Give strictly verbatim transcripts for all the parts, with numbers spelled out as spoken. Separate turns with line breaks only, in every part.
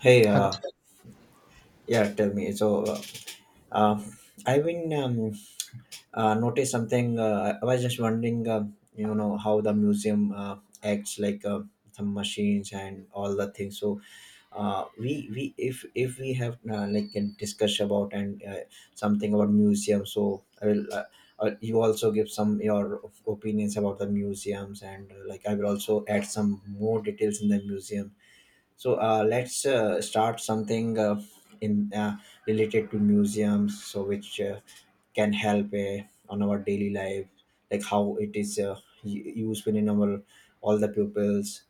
Hey, uh,
Hello.
yeah, tell me. So, uh, uh, I've been um, uh, noticed something. Uh, I was just wondering, uh, you know, how the museum uh, acts like uh, some machines and all the things. So, uh, we we if if we have uh, like can discuss about and uh, something about museum. So, I will. Uh, uh, you also give some your opinions about the museums and uh, like I will also add some more details in the museum, so uh, let's uh, start something uh, in uh, related to museums, so which uh, can help uh, on our daily life, like how it is uh, u- useful in our all the pupils.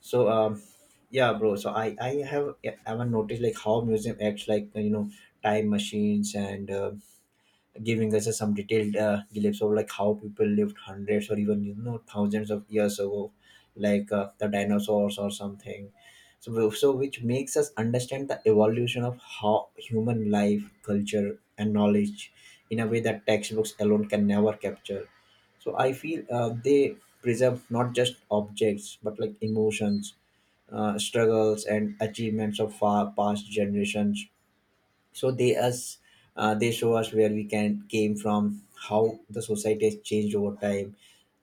So um, yeah, bro. So I I have yeah, I haven't noticed like how museum acts like you know time machines and, Uh, giving us some detailed uh, glimpse of like how people lived hundreds or even you know thousands of years ago, like uh, the dinosaurs or something, so w- so which makes us understand the evolution of how human life, culture and knowledge in a way that textbooks alone can never capture. So I feel uh, they preserve not just objects but like emotions, uh, struggles and achievements of far past generations. So they us uh, they show us where we can came from, how the society has changed over time,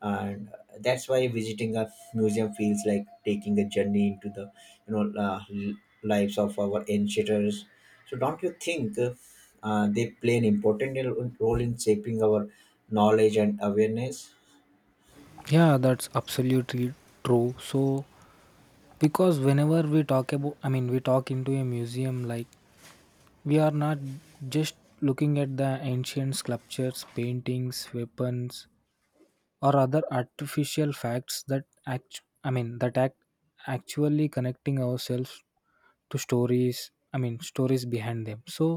and that's why visiting a museum feels like taking a journey into the you know uh, l- lives of our ancients. So don't you think uh, uh, they play an important role in shaping our knowledge and awareness?
Yeah, that's absolutely true. So, because whenever we talk about, I mean, we talk into a museum, like, we are not just looking at the ancient sculptures, paintings, weapons, or other artificial facts that act I mean that act actually connecting ourselves to stories I mean stories behind them, so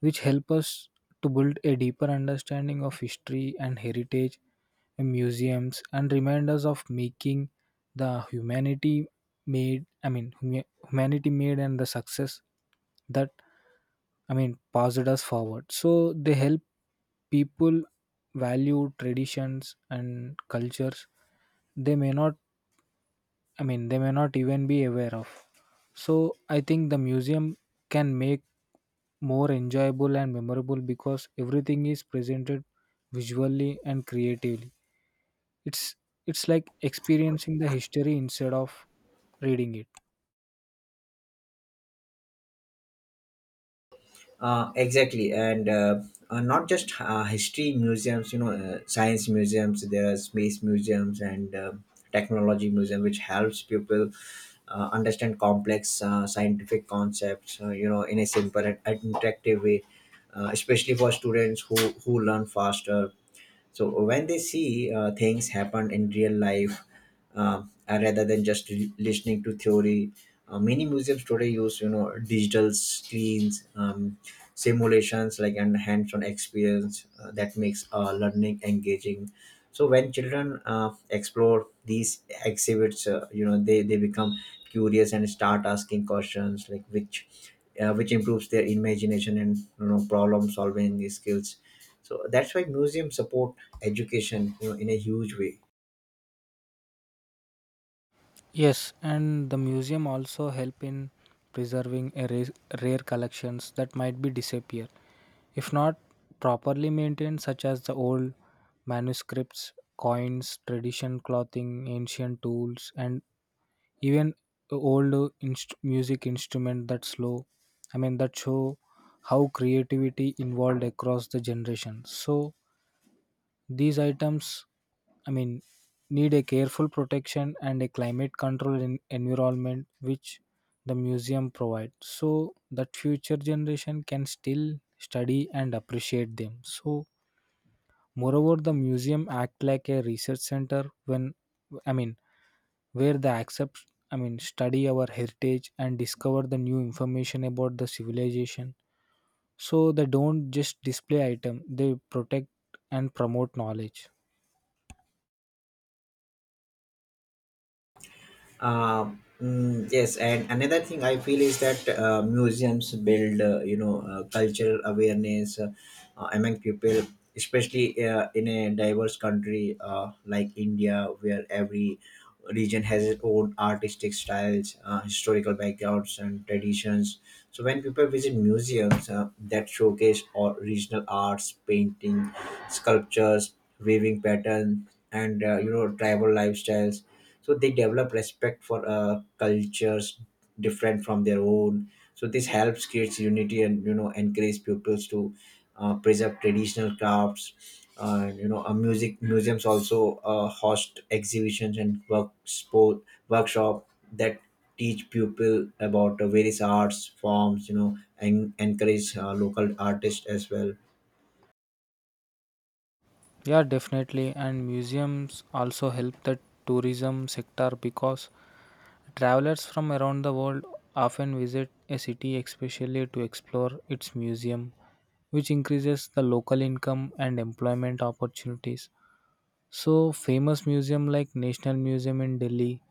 which help us to build a deeper understanding of history and heritage in museums and remind us of making the humanity made I mean huma- humanity made and the success that, I mean, passed us forward. So they help people value traditions and cultures they may not, I mean, they may not even be aware of. So I think the museum can make more enjoyable and memorable because everything is presented visually and creatively. It's it's like experiencing the history instead of reading it.
Uh, exactly, and uh, uh, not just uh, history museums. You know, uh, science museums. There are space museums and uh, technology museum, which helps people uh, understand complex uh, scientific concepts. Uh, you know, in a simple and interactive way, uh, especially for students who who learn faster. So when they see uh, things happen in real life, uh, uh, rather than just l- listening to theory, uh, many museums today use you know digital screens, um, simulations like and hands-on experience uh, that makes uh, learning engaging. So when children uh, explore these exhibits, uh, you know they they become curious and start asking questions like which uh, which improves their imagination and you know problem solving skills. So that's why museums support education you know in a huge way.
Yes, and the museum also help in preserving a rare, rare collections that might be disappear if not properly maintained, such as the old manuscripts, coins, tradition clothing, ancient tools, and even old uh, inst- music instrument that slow. I mean that show how creativity involved across the generation. So these items, I mean, need a careful protection and a climate control in environment which the museum provides so that future generation can still study and appreciate them. So moreover the museum act like a research center when I mean where they accept I mean study our heritage and discover the new information about the civilization. So they don't just display item, they protect and promote knowledge.
Um, mm, yes, and another thing I feel is that uh, museums build, uh, you know, uh, cultural awareness uh, uh, among people, especially uh, in a diverse country uh, like India, where every region has its own artistic styles, uh, historical backgrounds, and traditions. So when people visit museums uh, that showcase or regional arts, painting, sculptures, weaving pattern, and uh, you know, tribal lifestyles, so they develop respect for uh, cultures different from their own. So this helps creates unity and you know encourage pupils to uh, preserve traditional crafts. Uh, you know uh, music museums also uh, host exhibitions and work sport workshop that teach people about uh, various arts forms you know and encourage uh, local artists as well.
Yeah, definitely. And museums also help the tourism sector because travelers from around the world often visit a city especially to explore its museum, which increases the local income and employment opportunities. So, famous museum like National Museum in Delhi,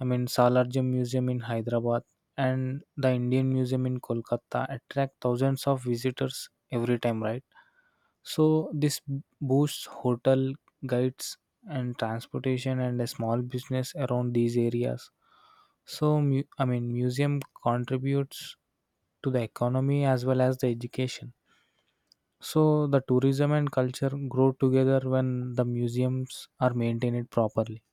I mean Salarjung Museum in Hyderabad, and the Indian Museum in Kolkata attract thousands of visitors every time, right? So this boosts hotel guides and transportation and a small business around these areas. So mu- I mean museum contributes to the economy as well as the education. So the tourism and culture grow together when the museums are maintained properly.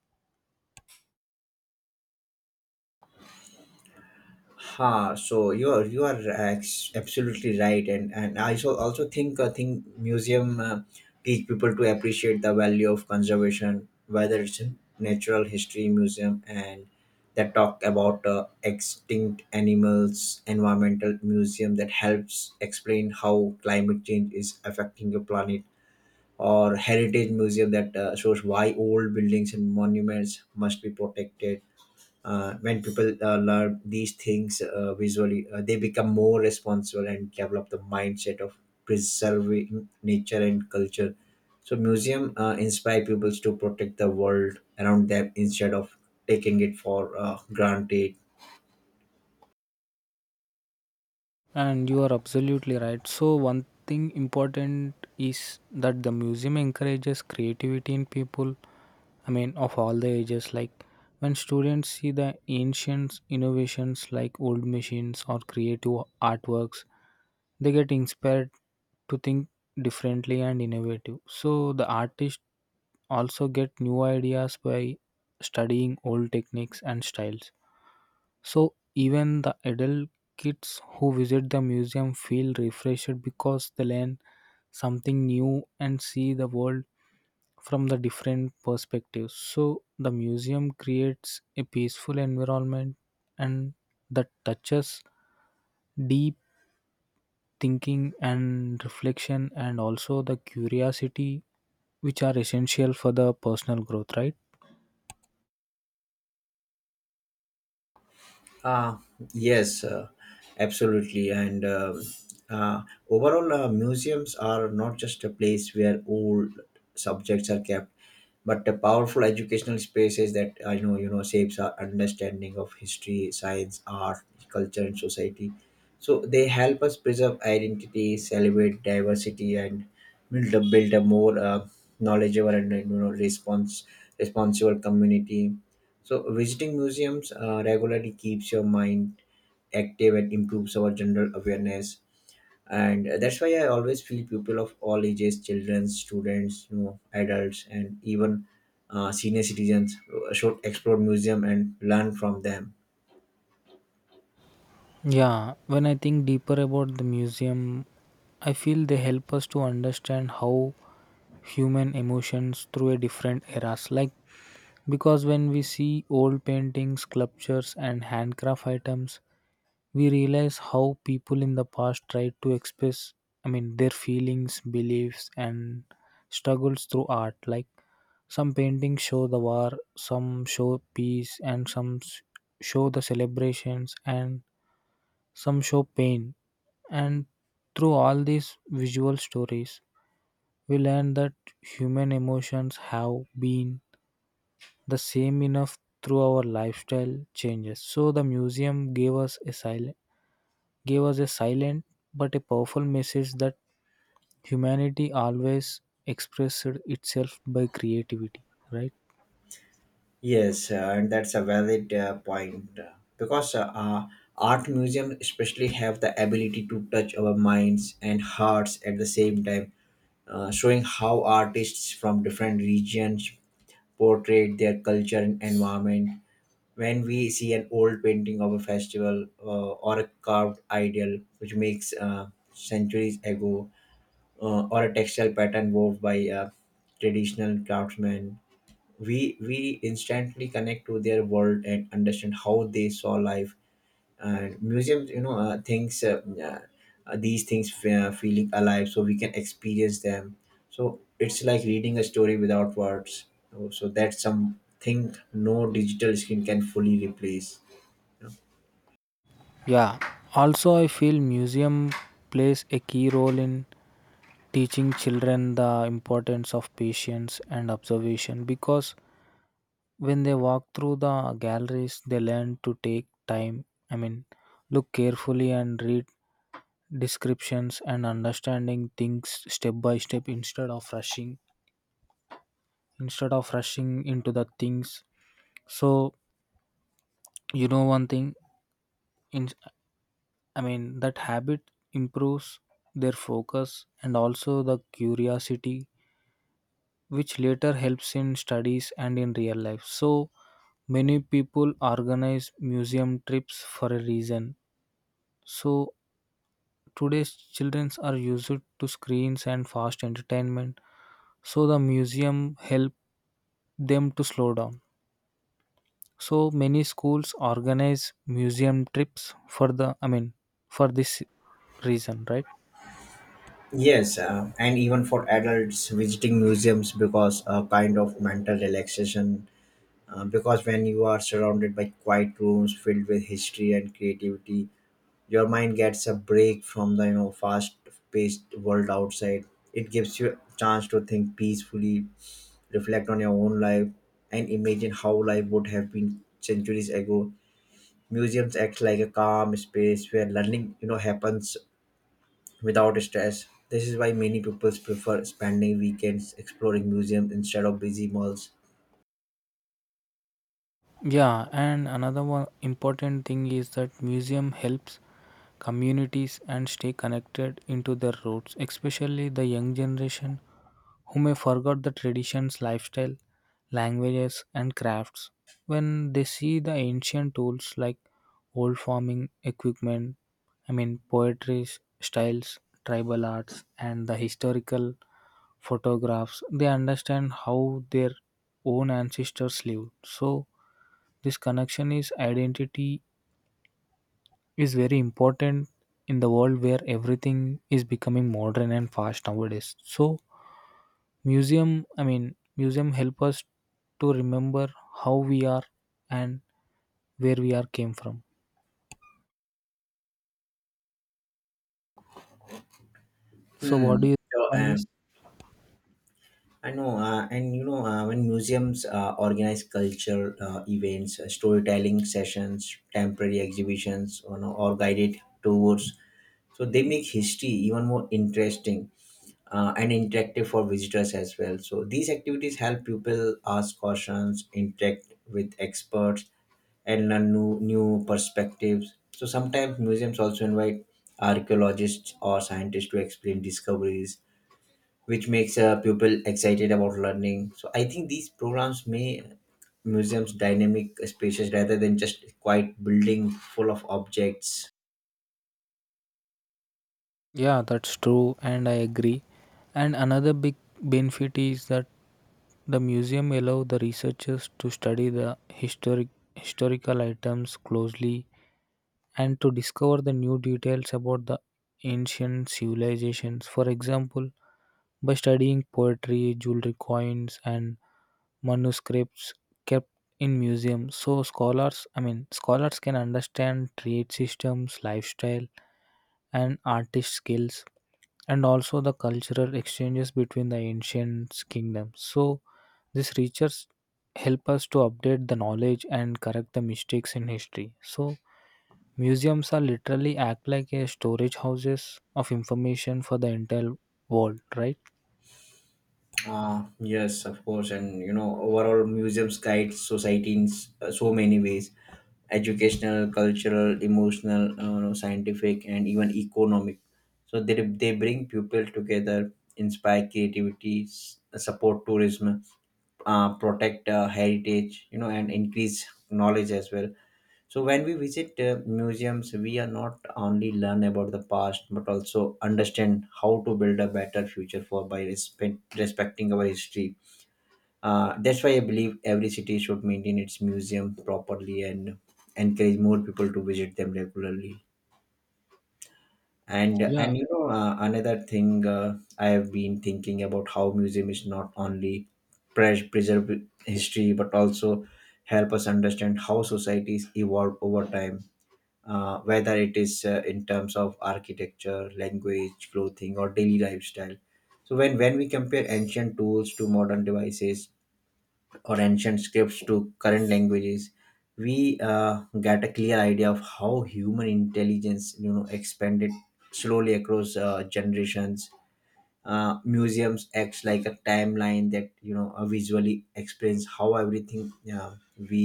Ha, so you are you are ex- absolutely right, and and I so also think I think museum uh, teach people to appreciate the value of conservation, whether it's in natural history museum and that talk about uh, extinct animals, environmental museum that helps explain how climate change is affecting the planet, or heritage museum that uh, shows why old buildings and monuments must be protected. Uh, when people uh, learn these things uh, visually, uh, they become more responsible and develop the mindset of preserving nature and culture. So museum uh, inspire people to protect the world around them instead of taking it for uh, granted.
And you are absolutely right. So, one thing important is that the museum encourages creativity in people, I mean, of all the ages. Like, when students see the ancient innovations like old machines or creative artworks, they get inspired to think differently and innovative. So, the artists also get new ideas by studying old techniques and styles. So even the adult kids who visit the museum feel refreshed because they learn something new and see the world from the different perspectives. So the museum creates a peaceful environment and that touches deep thinking and reflection and also the curiosity which are essential for the personal growth, right?
Uh, yes, uh, absolutely. And um uh, overall, uh, museums are not just a place where old subjects are kept, but a powerful educational spaces that I know you know shapes our understanding of history, science, art, culture, and society. So they help us preserve identity, celebrate diversity, and build a build a more uh, knowledgeable and you know response responsible community. So, visiting museums uh, regularly keeps your mind active and improves our general awareness. And uh, that's why I always feel people of all ages, children, students, you know, adults, and even uh, senior citizens uh, should explore museum and learn from them.
Yeah, when I think deeper about the museum, I feel they help us to understand how human emotions through a different eras, like because when we see old paintings, sculptures and handcraft items, we realize how people in the past tried to express, I mean, their feelings, beliefs and struggles through art, like some paintings show the war, some show peace and some s- show the celebrations and some show pain. And through all these visual stories, we learn that human emotions have been the same enough through our lifestyle changes. So the museum gave us a silent gave us a silent but a powerful message that humanity always expressed itself by creativity, right?
Yes, uh, and that's a valid uh, point, uh, because uh, uh, art museum especially have the ability to touch our minds and hearts at the same time, uh, showing how artists from different regions portrayed their culture and environment. When we see an old painting of a festival, uh, or a carved idol which makes uh, centuries ago, uh, or a textile pattern wove by uh, traditional craftsmen, we we instantly connect to their world and understand how they saw life. Uh, museums, you know uh, things, uh, uh, uh, these things fe- uh, feeling alive so we can experience them. So it's like reading a story without words, so, so that's something no digital screen can fully replace.
Yeah. Also I feel museum plays a key role in teaching children the importance of patience and observation because when they walk through the galleries they learn to take time, I mean, look carefully and read descriptions and understanding things step by step instead of rushing instead of rushing into the things. So you know one thing in, I mean, that habit improves their focus and also the curiosity which later helps in studies and in real life. So many people organize museum trips for a reason. So today's children are used to screens and fast entertainment. So the museum help them to slow down. So many schools organize museum trips for the, I mean, for this reason, right?
Yes, uh, and even for adults visiting museums because a kind of mental relaxation. Uh, because when you are surrounded by quiet rooms filled with history and creativity, your mind gets a break from the you know fast paced world outside. It gives you a chance to think peacefully, reflect on your own life, and imagine how life would have been centuries ago. Museums act like a calm space where learning you know happens without stress. This is why many people prefer spending weekends exploring museums instead of busy malls.
Yeah, and another one important thing is that museum helps communities and stay connected into their roots, especially the young generation who may forgot the traditions, lifestyle, languages and crafts. When they see the ancient tools like old farming equipment, I mean poetry s- styles, tribal arts and the historical photographs, they understand how their own ancestors lived. So this connection is identity is very important in the world where everything is becoming modern and fast nowadays. So museum I mean museum help us to remember how we are and where we are came from. So what do
Hmm.
you think
So,
on this?
um, I know, uh, and you know, uh, when museums uh, organize cultural uh, events, uh, storytelling sessions, temporary exhibitions, you know, or guided tours, so they make history even more interesting uh, and interactive for visitors as well. So these activities help people ask questions, interact with experts, and learn new new perspectives. So sometimes museums also invite archaeologists or scientists to explain discoveries, which makes a pupil excited about learning. So I think these programs may museums dynamic spaces rather than just quite building full of objects.
Yeah, that's true and I agree. And another big benefit is that the museum allow the researchers to study the historic historical items closely and to discover the new details about the ancient civilizations. For example, by studying poetry, jewelry, coins, and manuscripts kept in museums, so scholars, I mean, scholars can understand trade systems, lifestyle, and artist skills, and also the cultural exchanges between the ancient kingdoms. So, this research help us to update the knowledge and correct the mistakes in history. So, museums are literally act like a storage houses of information for the entire world, right?
Uh, yes, of course, and you know overall museums guide society in s- uh, so many ways: educational, cultural, emotional, uh, scientific, and even economic. So they they bring people together, inspire creativity, s- support tourism, uh, protect uh, heritage, you know and increase knowledge as well. So when we visit uh, museums, we are not only learn about the past but also understand how to build a better future for by respect, respecting our history. Uh, that's why I believe every city should maintain its museum properly and encourage more people to visit them regularly. and
Yeah.
and you know uh, another thing uh, I have been thinking about, how museum is not only pres- preserve history but also help us understand how societies evolve over time, uh, whether it is uh, in terms of architecture, language, clothing or daily lifestyle. So when when we compare ancient tools to modern devices or ancient scripts to current languages, we uh, get a clear idea of how human intelligence you know expanded slowly across uh, generations. Uh, museums acts like a timeline that you know uh, visually explains how everything uh, we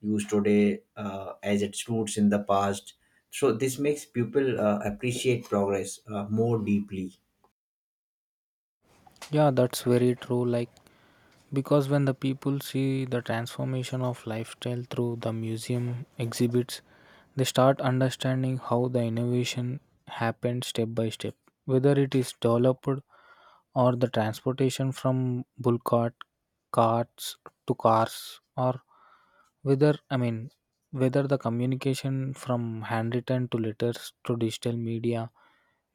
use today uh, as its roots in the past. So this makes people uh, appreciate progress uh, more deeply.
Yeah, that's very true. Like, because when the people see the transformation of lifestyle through the museum exhibits, they start understanding how the innovation happened step by step, whether it is developed or the transportation from bulk cart, carts to cars, or whether I mean whether the communication from handwritten to letters to digital media,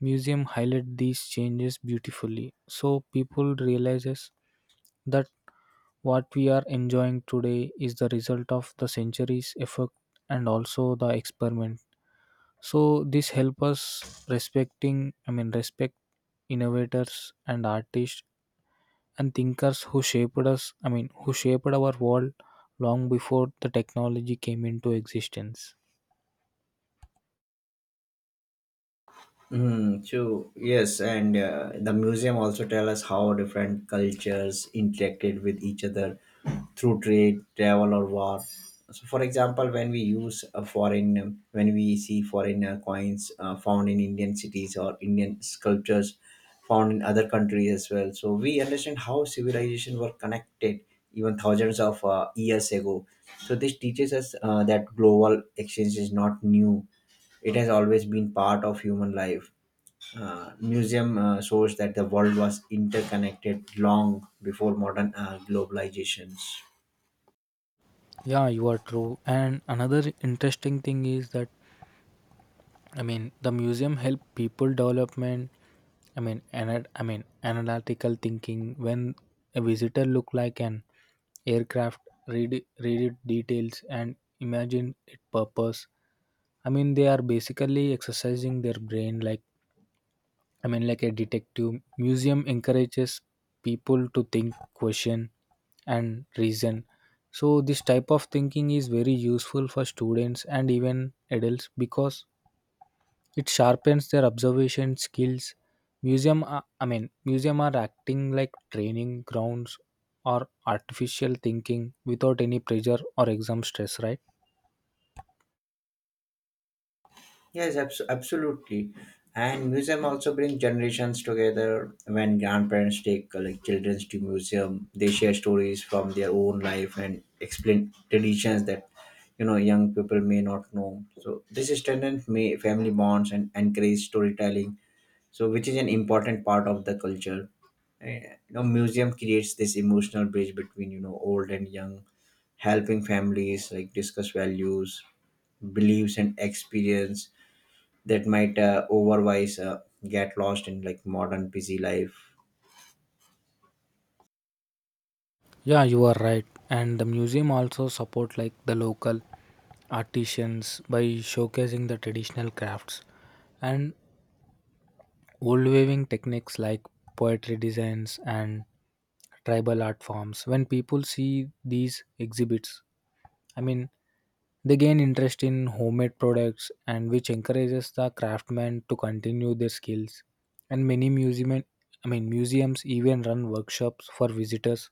museum highlight these changes beautifully. So people realizes that what we are enjoying today is the result of the centuries effort and also the experiment. So this help us respecting I mean respect innovators and artists and thinkers who shaped us I mean who shaped our world long before the technology came into existence.
Mm, true. Yes, and uh, the museum also tell us how different cultures interacted with each other through trade, travel, or war. So, for example, when we use a foreign, um, when we see foreign uh, coins uh, found in Indian cities or Indian sculptures found in other countries as well, so we understand how civilization were connected even thousands of uh, years ago. So, this teaches us uh, that global exchange is not new; it has always been part of human life. Uh, museum uh, shows that the world was interconnected long before modern uh, globalizations.
Yeah, you are true. And another interesting thing is that, I mean, the museum help people development. I mean ana- I mean analytical thinking when a visitor look like an aircraft, read it- read it details and imagine its purpose. I mean they are basically exercising their brain, like, I mean, like a detective museum encourages people to think, question, and reason. So, this type of thinking is very useful for students and even adults because it sharpens their observation skills. Museum, are, I mean, museum are acting like training grounds or artificial thinking without any pressure or exam stress, right?
Yes, abs- absolutely. And museum also bring generations together. When grandparents take uh, like children to museum, they share stories from their own life and explain traditions that you know young people may not know. So this strengthens may family bonds and encourage storytelling so which is an important part of the culture. Eh, you know Museum creates this emotional bridge between you know old and young, helping families like discuss values, beliefs and experience that might uh, otherwise uh, get lost in like modern busy life.
Yeah, you are right. And the museum also support like the local artisans by showcasing the traditional crafts and old weaving techniques like poetry designs and tribal art forms. When people see these exhibits, I mean, they gain interest in homemade products and which encourages the craftsmen to continue their skills. And many museum, I mean, museums even run workshops for visitors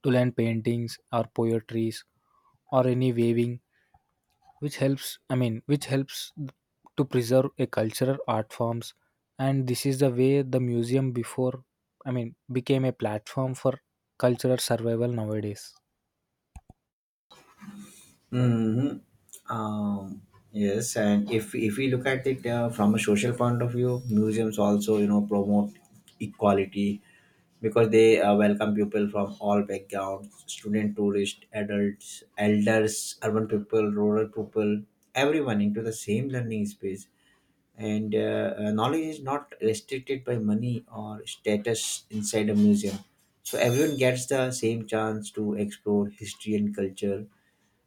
to learn paintings or poetries or any weaving which helps I mean which helps to preserve a cultural art forms. And this is the way the museum before I mean became a platform for cultural survival nowadays.
hmm Um, yes, and if if we look at it uh, from a social point of view, museums also you know promote equality because they uh, welcome people from all backgrounds, student, tourists, adults, elders, urban people, rural people, everyone into the same learning space. And uh, uh, knowledge is not restricted by money or status inside a museum, so everyone gets the same chance to explore history and culture.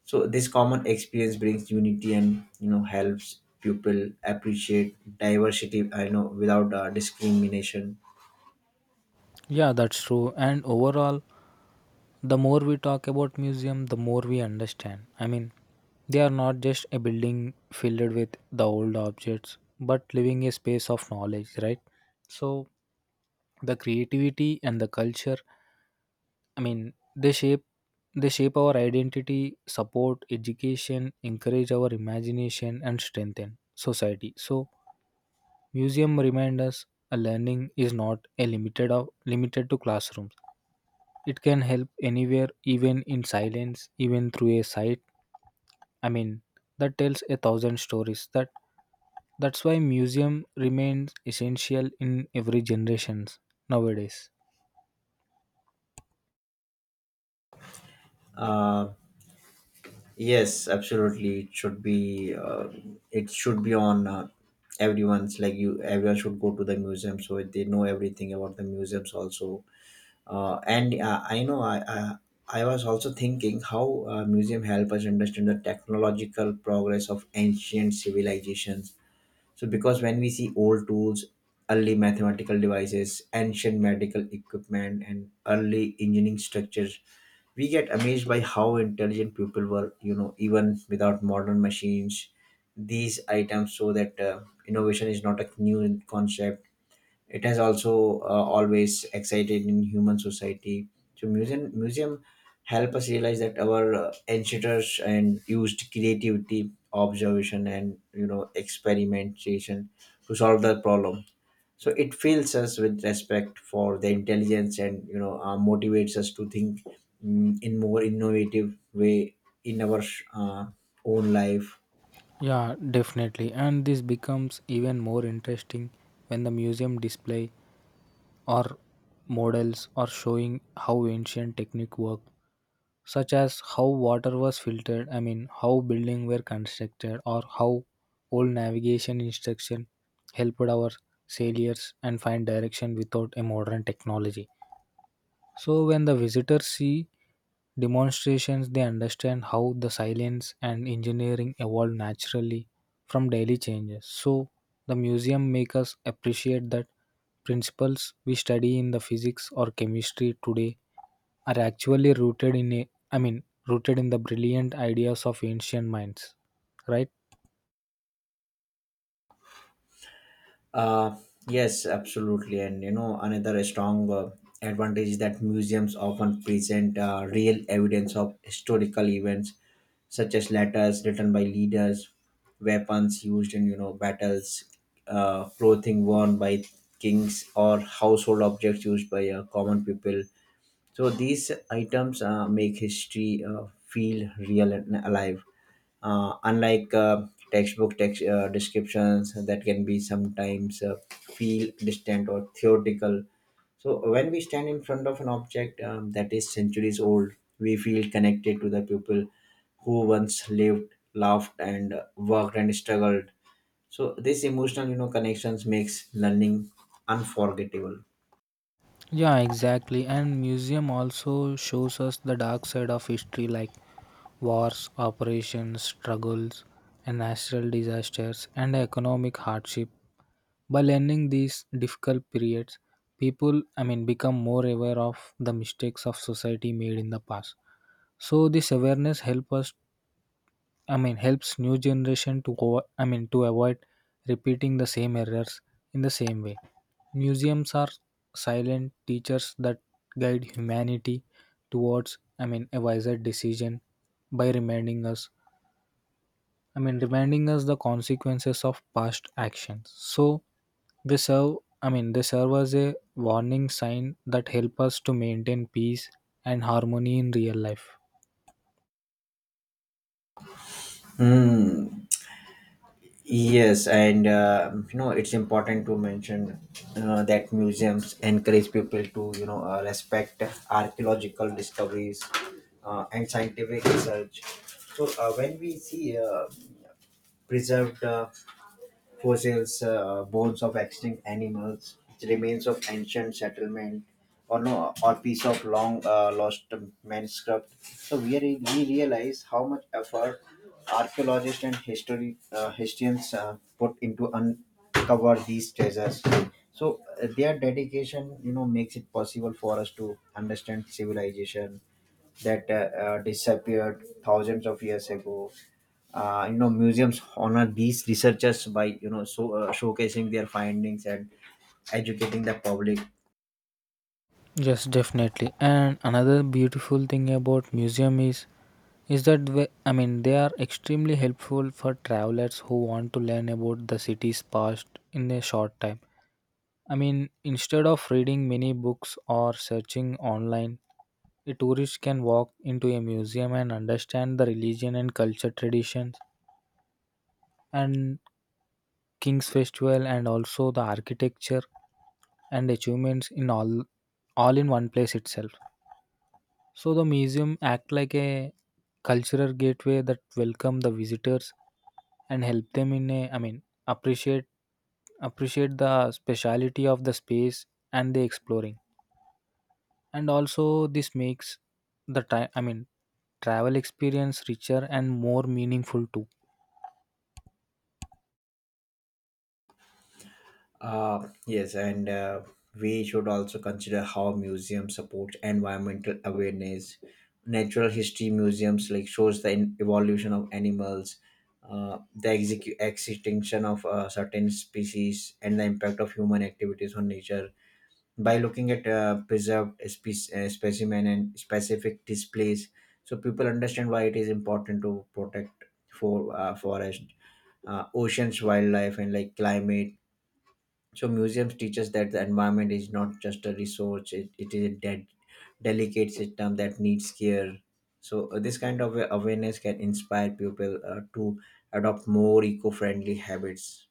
So this common experience brings unity and you know helps people appreciate diversity I know without uh, discrimination.
Yeah, that's true and overall the more we talk about museum the more we understand, I mean, they are not just a building filled with the old objects but living a space of knowledge, right? So the creativity and the culture, I mean, they shape they shape our identity, support education, encourage our imagination and strengthen society. So museum remind us a learning is not a limited of limited to classrooms, it can help anywhere even in silence even through a sight, I mean, that tells a thousand stories, that that's why museum remains essential in every generations nowadays.
Uh, Yes, absolutely. It should be. Uh, it should be on uh, everyone's. Like you, everyone should go to the museum so they know everything about the museums also. Uh, and uh, I know I, I I was also thinking how uh, museum help us understand the technological progress of ancient civilizations. So because when we see old tools, early mathematical devices, ancient medical equipment, and early engineering structures, we get amazed by how intelligent people were, you know even without modern machines. These items show that uh, innovation is not a new concept, it has also uh, always excited in human society. So museum museum help us realize that our uh, ancestors and used creativity, observation, and you know experimentation to solve the problem. So it fills us with respect for the intelligence and you know uh, motivates us to think mm, in more innovative way in our uh, own life.
Yeah, definitely. And this becomes even more interesting when the museum display or models are showing how ancient technique worked, such as how water was filtered, I mean, how buildings were constructed, or how old navigation instruction helped our sailors and find direction without a modern technology. So when the visitors see demonstrations, they understand how the science and engineering evolve naturally from daily changes. So the museum makes us appreciate that principles we study in the physics or chemistry today are actually rooted in a, I mean, rooted in the brilliant ideas of ancient minds, right?
Uh, yes, absolutely. And you know, another strong uh, advantage is that museums often present uh, real evidence of historical events, such as letters written by leaders, weapons used in you know battles, uh, clothing worn by kings, or household objects used by uh, common people. So these items uh, make history uh, feel real and alive. Uh, unlike uh, textbook text uh, descriptions that can be sometimes uh, feel distant or theoretical. So when we stand in front of an object um, that is centuries old, we feel connected to the people who once lived, laughed, and uh, worked and struggled. So this emotional, you know, connections makes learning unforgettable.
Yeah, exactly. And museum also shows us the dark side of history like wars, operations, struggles, and natural disasters and economic hardship. By learning these difficult periods, people, I mean, become more aware of the mistakes of society made in the past. So this awareness helps us, I mean, helps new generation to go, I mean, to avoid repeating the same errors in the same way. Museums are silent teachers that guide humanity towards, I mean, a wiser decision by reminding us, I mean, reminding us the consequences of past actions. So they serve, I mean, they serve as a warning sign that help us to maintain peace and harmony in real life.
Hmm. Yes, and uh, you know it's important to mention uh, that museums encourage people to you know uh, respect archaeological discoveries uh, and scientific research. So uh, when we see uh, preserved uh, fossils, uh, bones of extinct animals, remains of ancient settlement, or no, or piece of long uh, lost manuscript. So we, re- we realize how much effort archaeologists and history uh, historians uh, put into uncover these treasures. So uh, their dedication, you know, makes it possible for us to understand civilization that uh, uh, disappeared thousands of years ago. Uh, you know museums honor these researchers by you know so uh, showcasing their findings and educating the public.
Yes, definitely. And another beautiful thing about museum is is that we, I mean they are extremely helpful for travelers who want to learn about the city's past in a short time. I mean, instead of reading many books or searching online, a tourist can walk into a museum and understand the religion and culture traditions and king's festival and also the architecture and achievements in all all in one place itself. So the museum act like a cultural gateway that welcome the visitors and help them in a, I mean, appreciate appreciate the speciality of the space and the exploring. And also this makes the time, I mean, travel experience richer and more meaningful too.
Uh, yes, and uh, we should also consider how museums support environmental awareness. Natural history museums like shows the in- evolution of animals, uh, the execu- extinction of uh, certain species and the impact of human activities on nature. By looking at uh, preserved spe- uh, specimen and specific displays, so people understand why it is important to protect for uh, forest, uh, oceans, wildlife and like climate. So museums teach us that the environment is not just a resource, it, it is a dead delicate system that needs care. So uh, this kind of awareness can inspire people uh, to adopt more eco-friendly habits.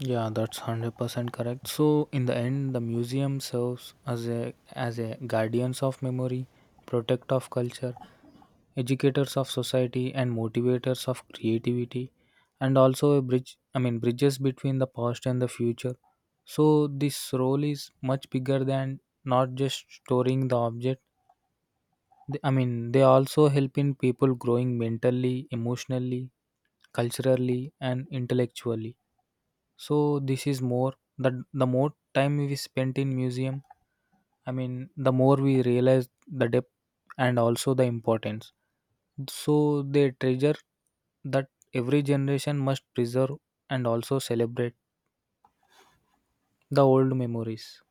Yeah, that's one hundred percent correct. So in the end, the museum serves as a as a guardians of memory, protect of culture, educators of society and motivators of creativity and also a bridge I mean bridges between the past and the future. So this role is much bigger than not just storing the object. Th- i mean they also help in people growing mentally, emotionally, culturally and intellectually. So this is more that the more time we spent in museum, I mean, the more we realize the depth and also the importance. So they treasure that every generation must preserve and also celebrate the old memories.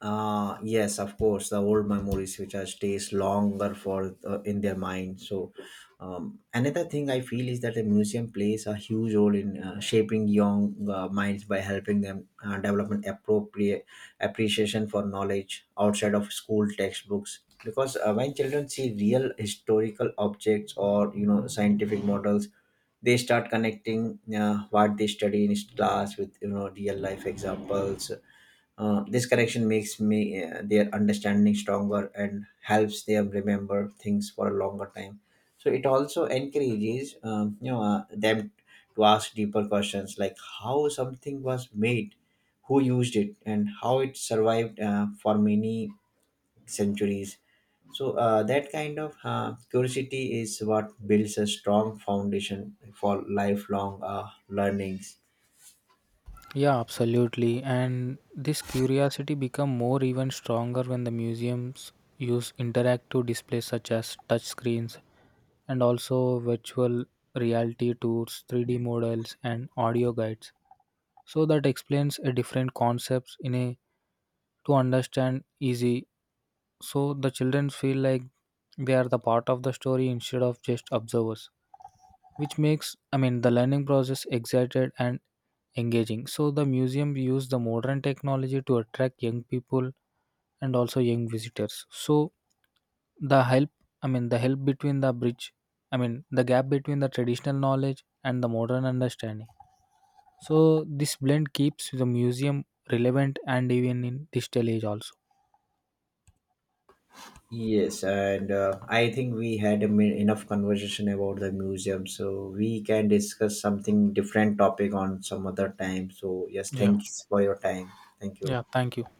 uh Yes, of course, the old memories which are stays longer for uh, in their mind. So um, another thing I feel is that a museum plays a huge role in uh, shaping young uh, minds by helping them uh, develop an appropriate appreciation for knowledge outside of school textbooks, because uh, when children see real historical objects or you know scientific models, they start connecting uh, what they study in class with you know real life examples. Uh, this connection makes me uh, their understanding stronger and helps them remember things for a longer time. So it also encourages um, you know uh, them to ask deeper questions like how something was made, who used it, and how it survived uh, for many centuries. So uh, that kind of uh, curiosity is what builds a strong foundation for lifelong uh, learnings.
Yeah, absolutely. And this curiosity become more even stronger when the museums use interactive displays such as touch screens and also virtual reality tours, three D models and audio guides. So that explains a different concepts in a to understand easy. So the children feel like they are the part of the story instead of just observers, which makes, I mean, the learning process excited and engaging. So the museum used the modern technology to attract young people and also young visitors. So the help, I mean, the help between the bridge, I mean, the gap between the traditional knowledge and the modern understanding. So this blend keeps the museum relevant and even in digital age also.
Yes, and uh, I think we had a min- enough conversation about the museum, so we can discuss something different topic on some other time. So yes,
Yeah.
thanks for your time. Thank you.
Yeah, thank you.